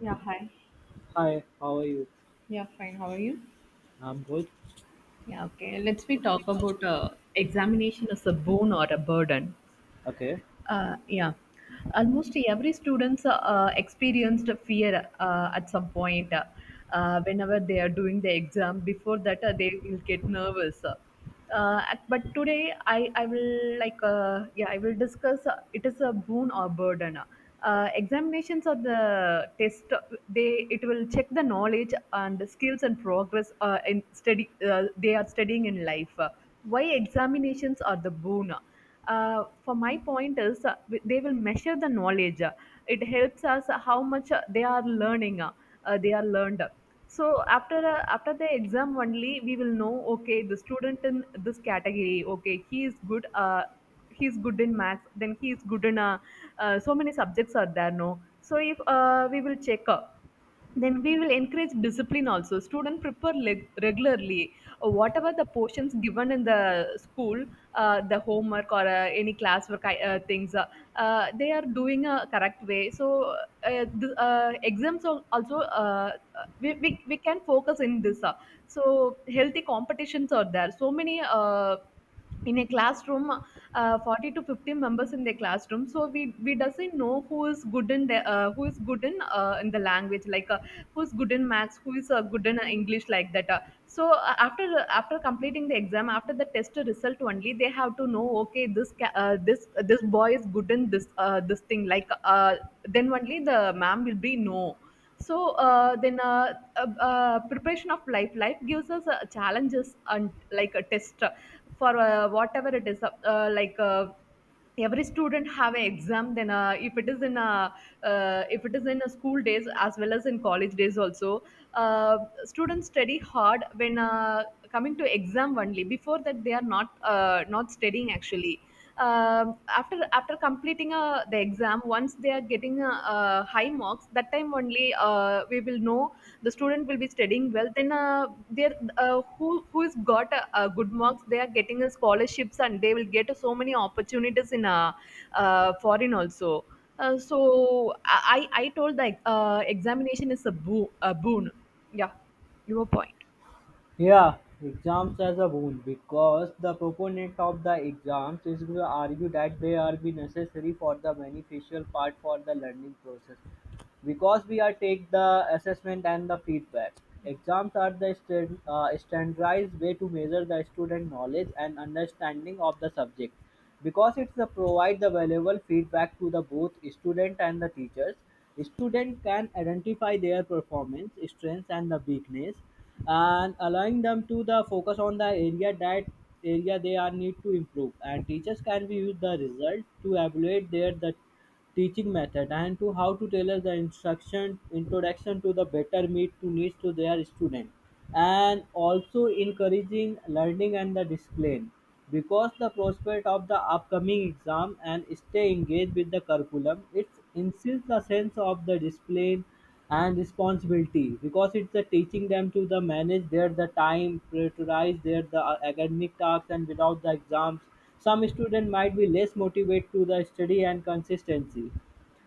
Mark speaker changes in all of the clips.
Speaker 1: Yeah, hi.
Speaker 2: Hi, how are you?
Speaker 1: Yeah, fine. How are you?
Speaker 2: I'm good.
Speaker 1: Yeah, okay. Let's we talk about examination as a boon or a burden.
Speaker 2: Okay.
Speaker 1: Uh, yeah, almost every students experienced fear at some point whenever they are doing the exam. Before that, they will get nervous. Uh, but today, I will like I will discuss. It is a boon or burden. Examinations are the test. They it will check the knowledge and skills and progress in study. They are studying in life. Why examinations are the boon? For my point is they will measure the knowledge. It helps us how much they are learning they are learned. So after after the exam only we will know, okay, the student in this category, okay, he is good in maths, then he is good in so many subjects are there, no? So if we will check then we will encourage discipline also. Student prepare regularly. Whatever the portions given in the school, the homework or any classwork things, they are doing a correct way. So exams also we can focus in this. So healthy competitions are there. So many in a classroom 40 to 50 members in the classroom, so we doesn't know who is good in the who is good in the language, like who's good in maths, who is good in english, like that. After after completing the exam, after the test result only they have to know, okay, this this this boy is good in this this thing, like then only the ma'am will be know. So then preparation of life. Life gives us challenges and like a test. For whatever it is every student have an exam. Then if it is in if it is in a school days as well as in college days also. Uh, students study hard when coming to exam only. Before that they are not not studying actually. After after completing the exam, once they are getting high marks, that time only we will know the student will be studying well. Then there who who's got good marks, they are getting scholarships and they will get so many opportunities in foreign also. So I I told, like examination is a boon. Yeah, your point?
Speaker 2: Yeah, exams as a boon, because the proponent of the exams is going to argue that they are be necessary for the beneficial part for the learning process. Because we are take the assessment and the feedback. Exams are the standardized way to measure the student knowledge and understanding of the subject. Because it's the provide the valuable feedback to the both student and the teachers. Student can identify their performance, strengths, and the weakness, and allowing them to the focus on the area that area they are need to improve. And teachers can be use the result to evaluate their the teaching method and to how to tailor the instruction introduction to the better meet to needs to their student, and also encouraging learning and the discipline, because the prospect of the upcoming exam and stay engaged with the curriculum, it insists the sense of the discipline and responsibility, because it's the teaching them to the manage their the time, prioritize their the academic tasks. And without the exams, some students might be less motivated to the study and consistency.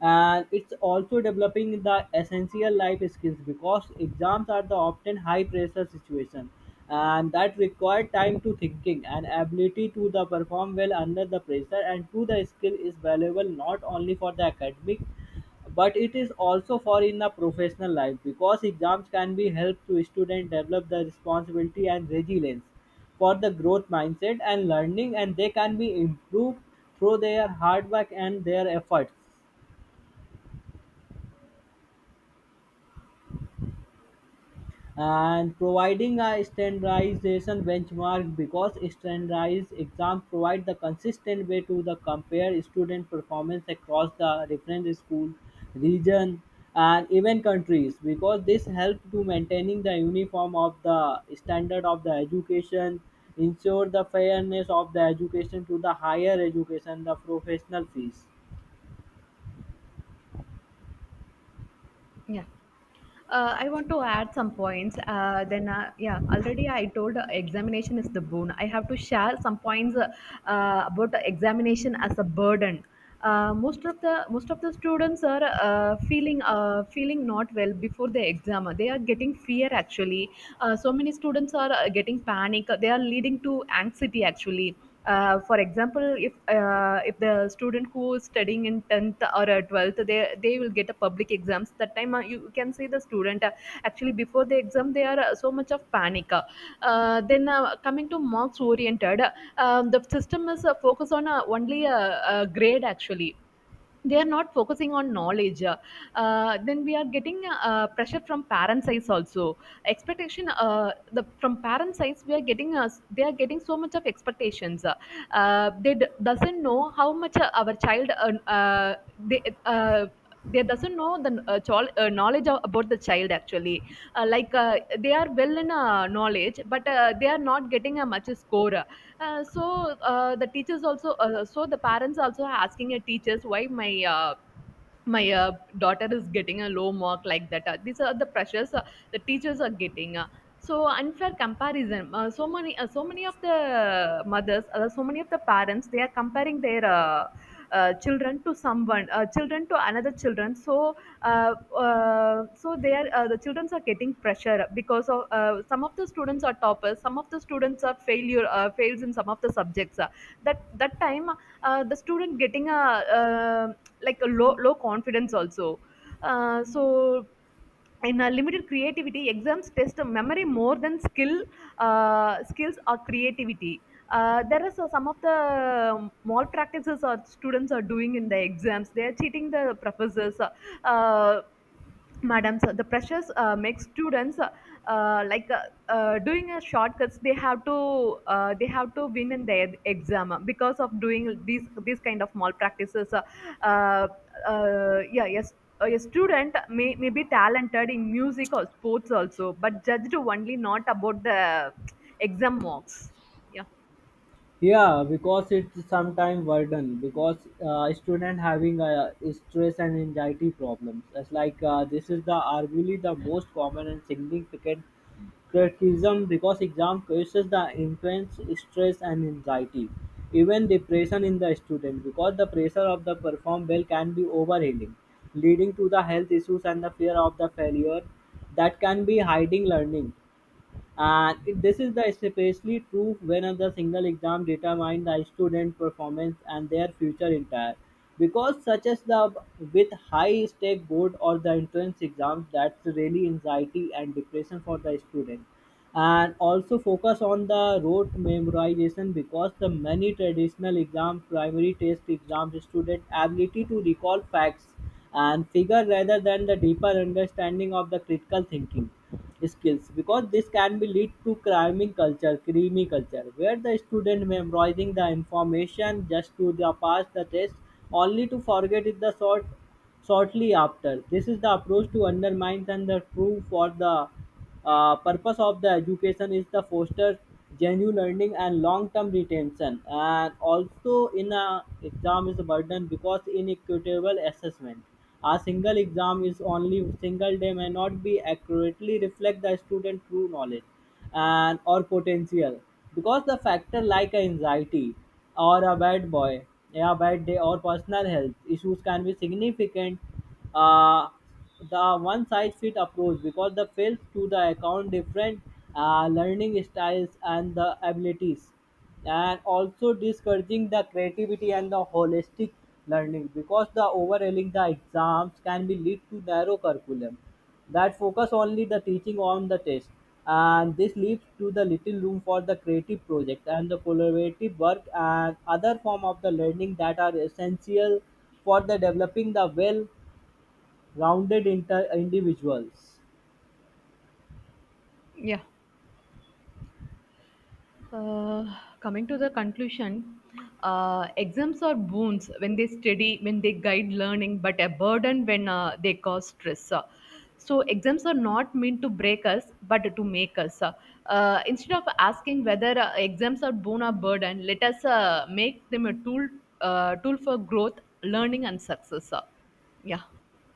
Speaker 2: And it's also developing the essential life skills, because exams are the often high pressure situation and that require time to thinking and ability to the perform well under the pressure, and to the skill is valuable not only for the academic, but it is also for in a professional life, because exams can be help to student develop the responsibility and resilience for the growth mindset and learning, and they can be improved through their hard work and their efforts, and providing a standardization benchmark, because standardized exams provide the consistent way to the compare student performance across the different school, region, and even countries, because this help to maintaining the uniform of the standard of the education, ensure the fairness of the education to the higher education, the professional fees.
Speaker 1: Yeah. I want to add some points. Already I told examination is the boon. I have to share some points about the examination as a burden. Most of the most of the students are feeling feeling not well before the exam. They are getting fear actually. So many students are getting panic. They are leading to anxiety actually. For example, if the student who is studying in 10th or 12th, they will get a public exams. That time you can see the student actually before the exam they are so much of panic. Then Coming to marks oriented, the system is focused on only a grade actually. They are not focusing on knowledge. Then we are getting pressure from parent sides also. Expectation the from parent sides we are getting they are getting so much of expectations. They doesn't know how much our child they doesn't know the knowledge of, about the child actually. Like they are well in knowledge, but they are not getting a much score. The teachers also, so the parents also are asking your teachers, why my my uh, daughter is getting a low mark, like that. These are the pressures the teachers are getting. So unfair comparison. So many, so many of the mothers, so many of the parents, they are comparing their children to someone, children to another children. So, so they are the children are getting pressure because of some of the students are toppers, some of the students are failure, fails in some of the subjects. That that time the student getting a like a low confidence also. So in a limited creativity, exams test memory more than skill, skills or creativity. There is some of the malpractices our students are doing in the exams. They are cheating the professors. Uh, madam, so the pressures make students uh, like uh, doing a shortcuts. They have to they have to win in their exam because of doing these kind of malpractices. Uh, yeah yes, a student may be talented in music or sports also, but judged only not about the exam marks. Yeah.
Speaker 2: Yeah, because it's sometimes burden because student having stress and anxiety problems. It's like, this is the arguably the most common and significant criticism, because exam causes the intense stress and anxiety, even depression in the student, because the pressure of the perform well can be overwhelming, leading to the health issues and the fear of the failure that can be hiding learning. And it, this is the especially true when the single exam determines the student performance and their future entire. Because such as the with high stake board or the entrance exams, that's really anxiety and depression for the student. And also focus on the rote memorization, because the many traditional exam, primary test exams, student ability to recall facts and figure rather than the deeper understanding of the critical thinking skills, because this can be lead to cramming culture, creamy culture, where the student memorizing the information just to the pass the test, only to forget it the shortly after. This is the approach to undermine and the true for the purpose of the education is the foster genuine learning and long-term retention. And also, in a exam is a burden because inequitable assessment, a single exam is only single day, may not be accurately reflect the student true knowledge and or potential, because the factor like anxiety or a bad boy, a bad day or personal health issues can be significant. Uh, the one-size-fit approach, because the fails to the account different learning styles and the abilities, and also discouraging the creativity and the holistic learning, because the overhauling the exams can be lead to narrow curriculum that focus only the teaching on the test, and this leads to the little room for the creative project and the collaborative work and other form of the learning that are essential for the developing the well rounded individuals.
Speaker 1: Yeah. Uh, coming to the conclusion, exams are boons when they study, when they guide learning, but a burden when they cause stress. So, exams are not meant to break us, but to make us. Instead of asking whether exams are boon or burden, let us make them a tool, tool for growth, learning, and success. Yeah,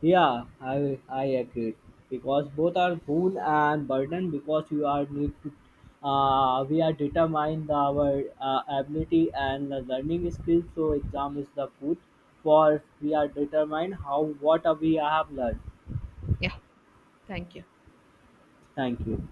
Speaker 2: Yeah, I agree, because both are boon and burden, because you are need to, we are determined our ability and the learning skills. So exam is the food for we are determined how what we have learned.
Speaker 1: Yeah. Thank you.
Speaker 2: Thank you.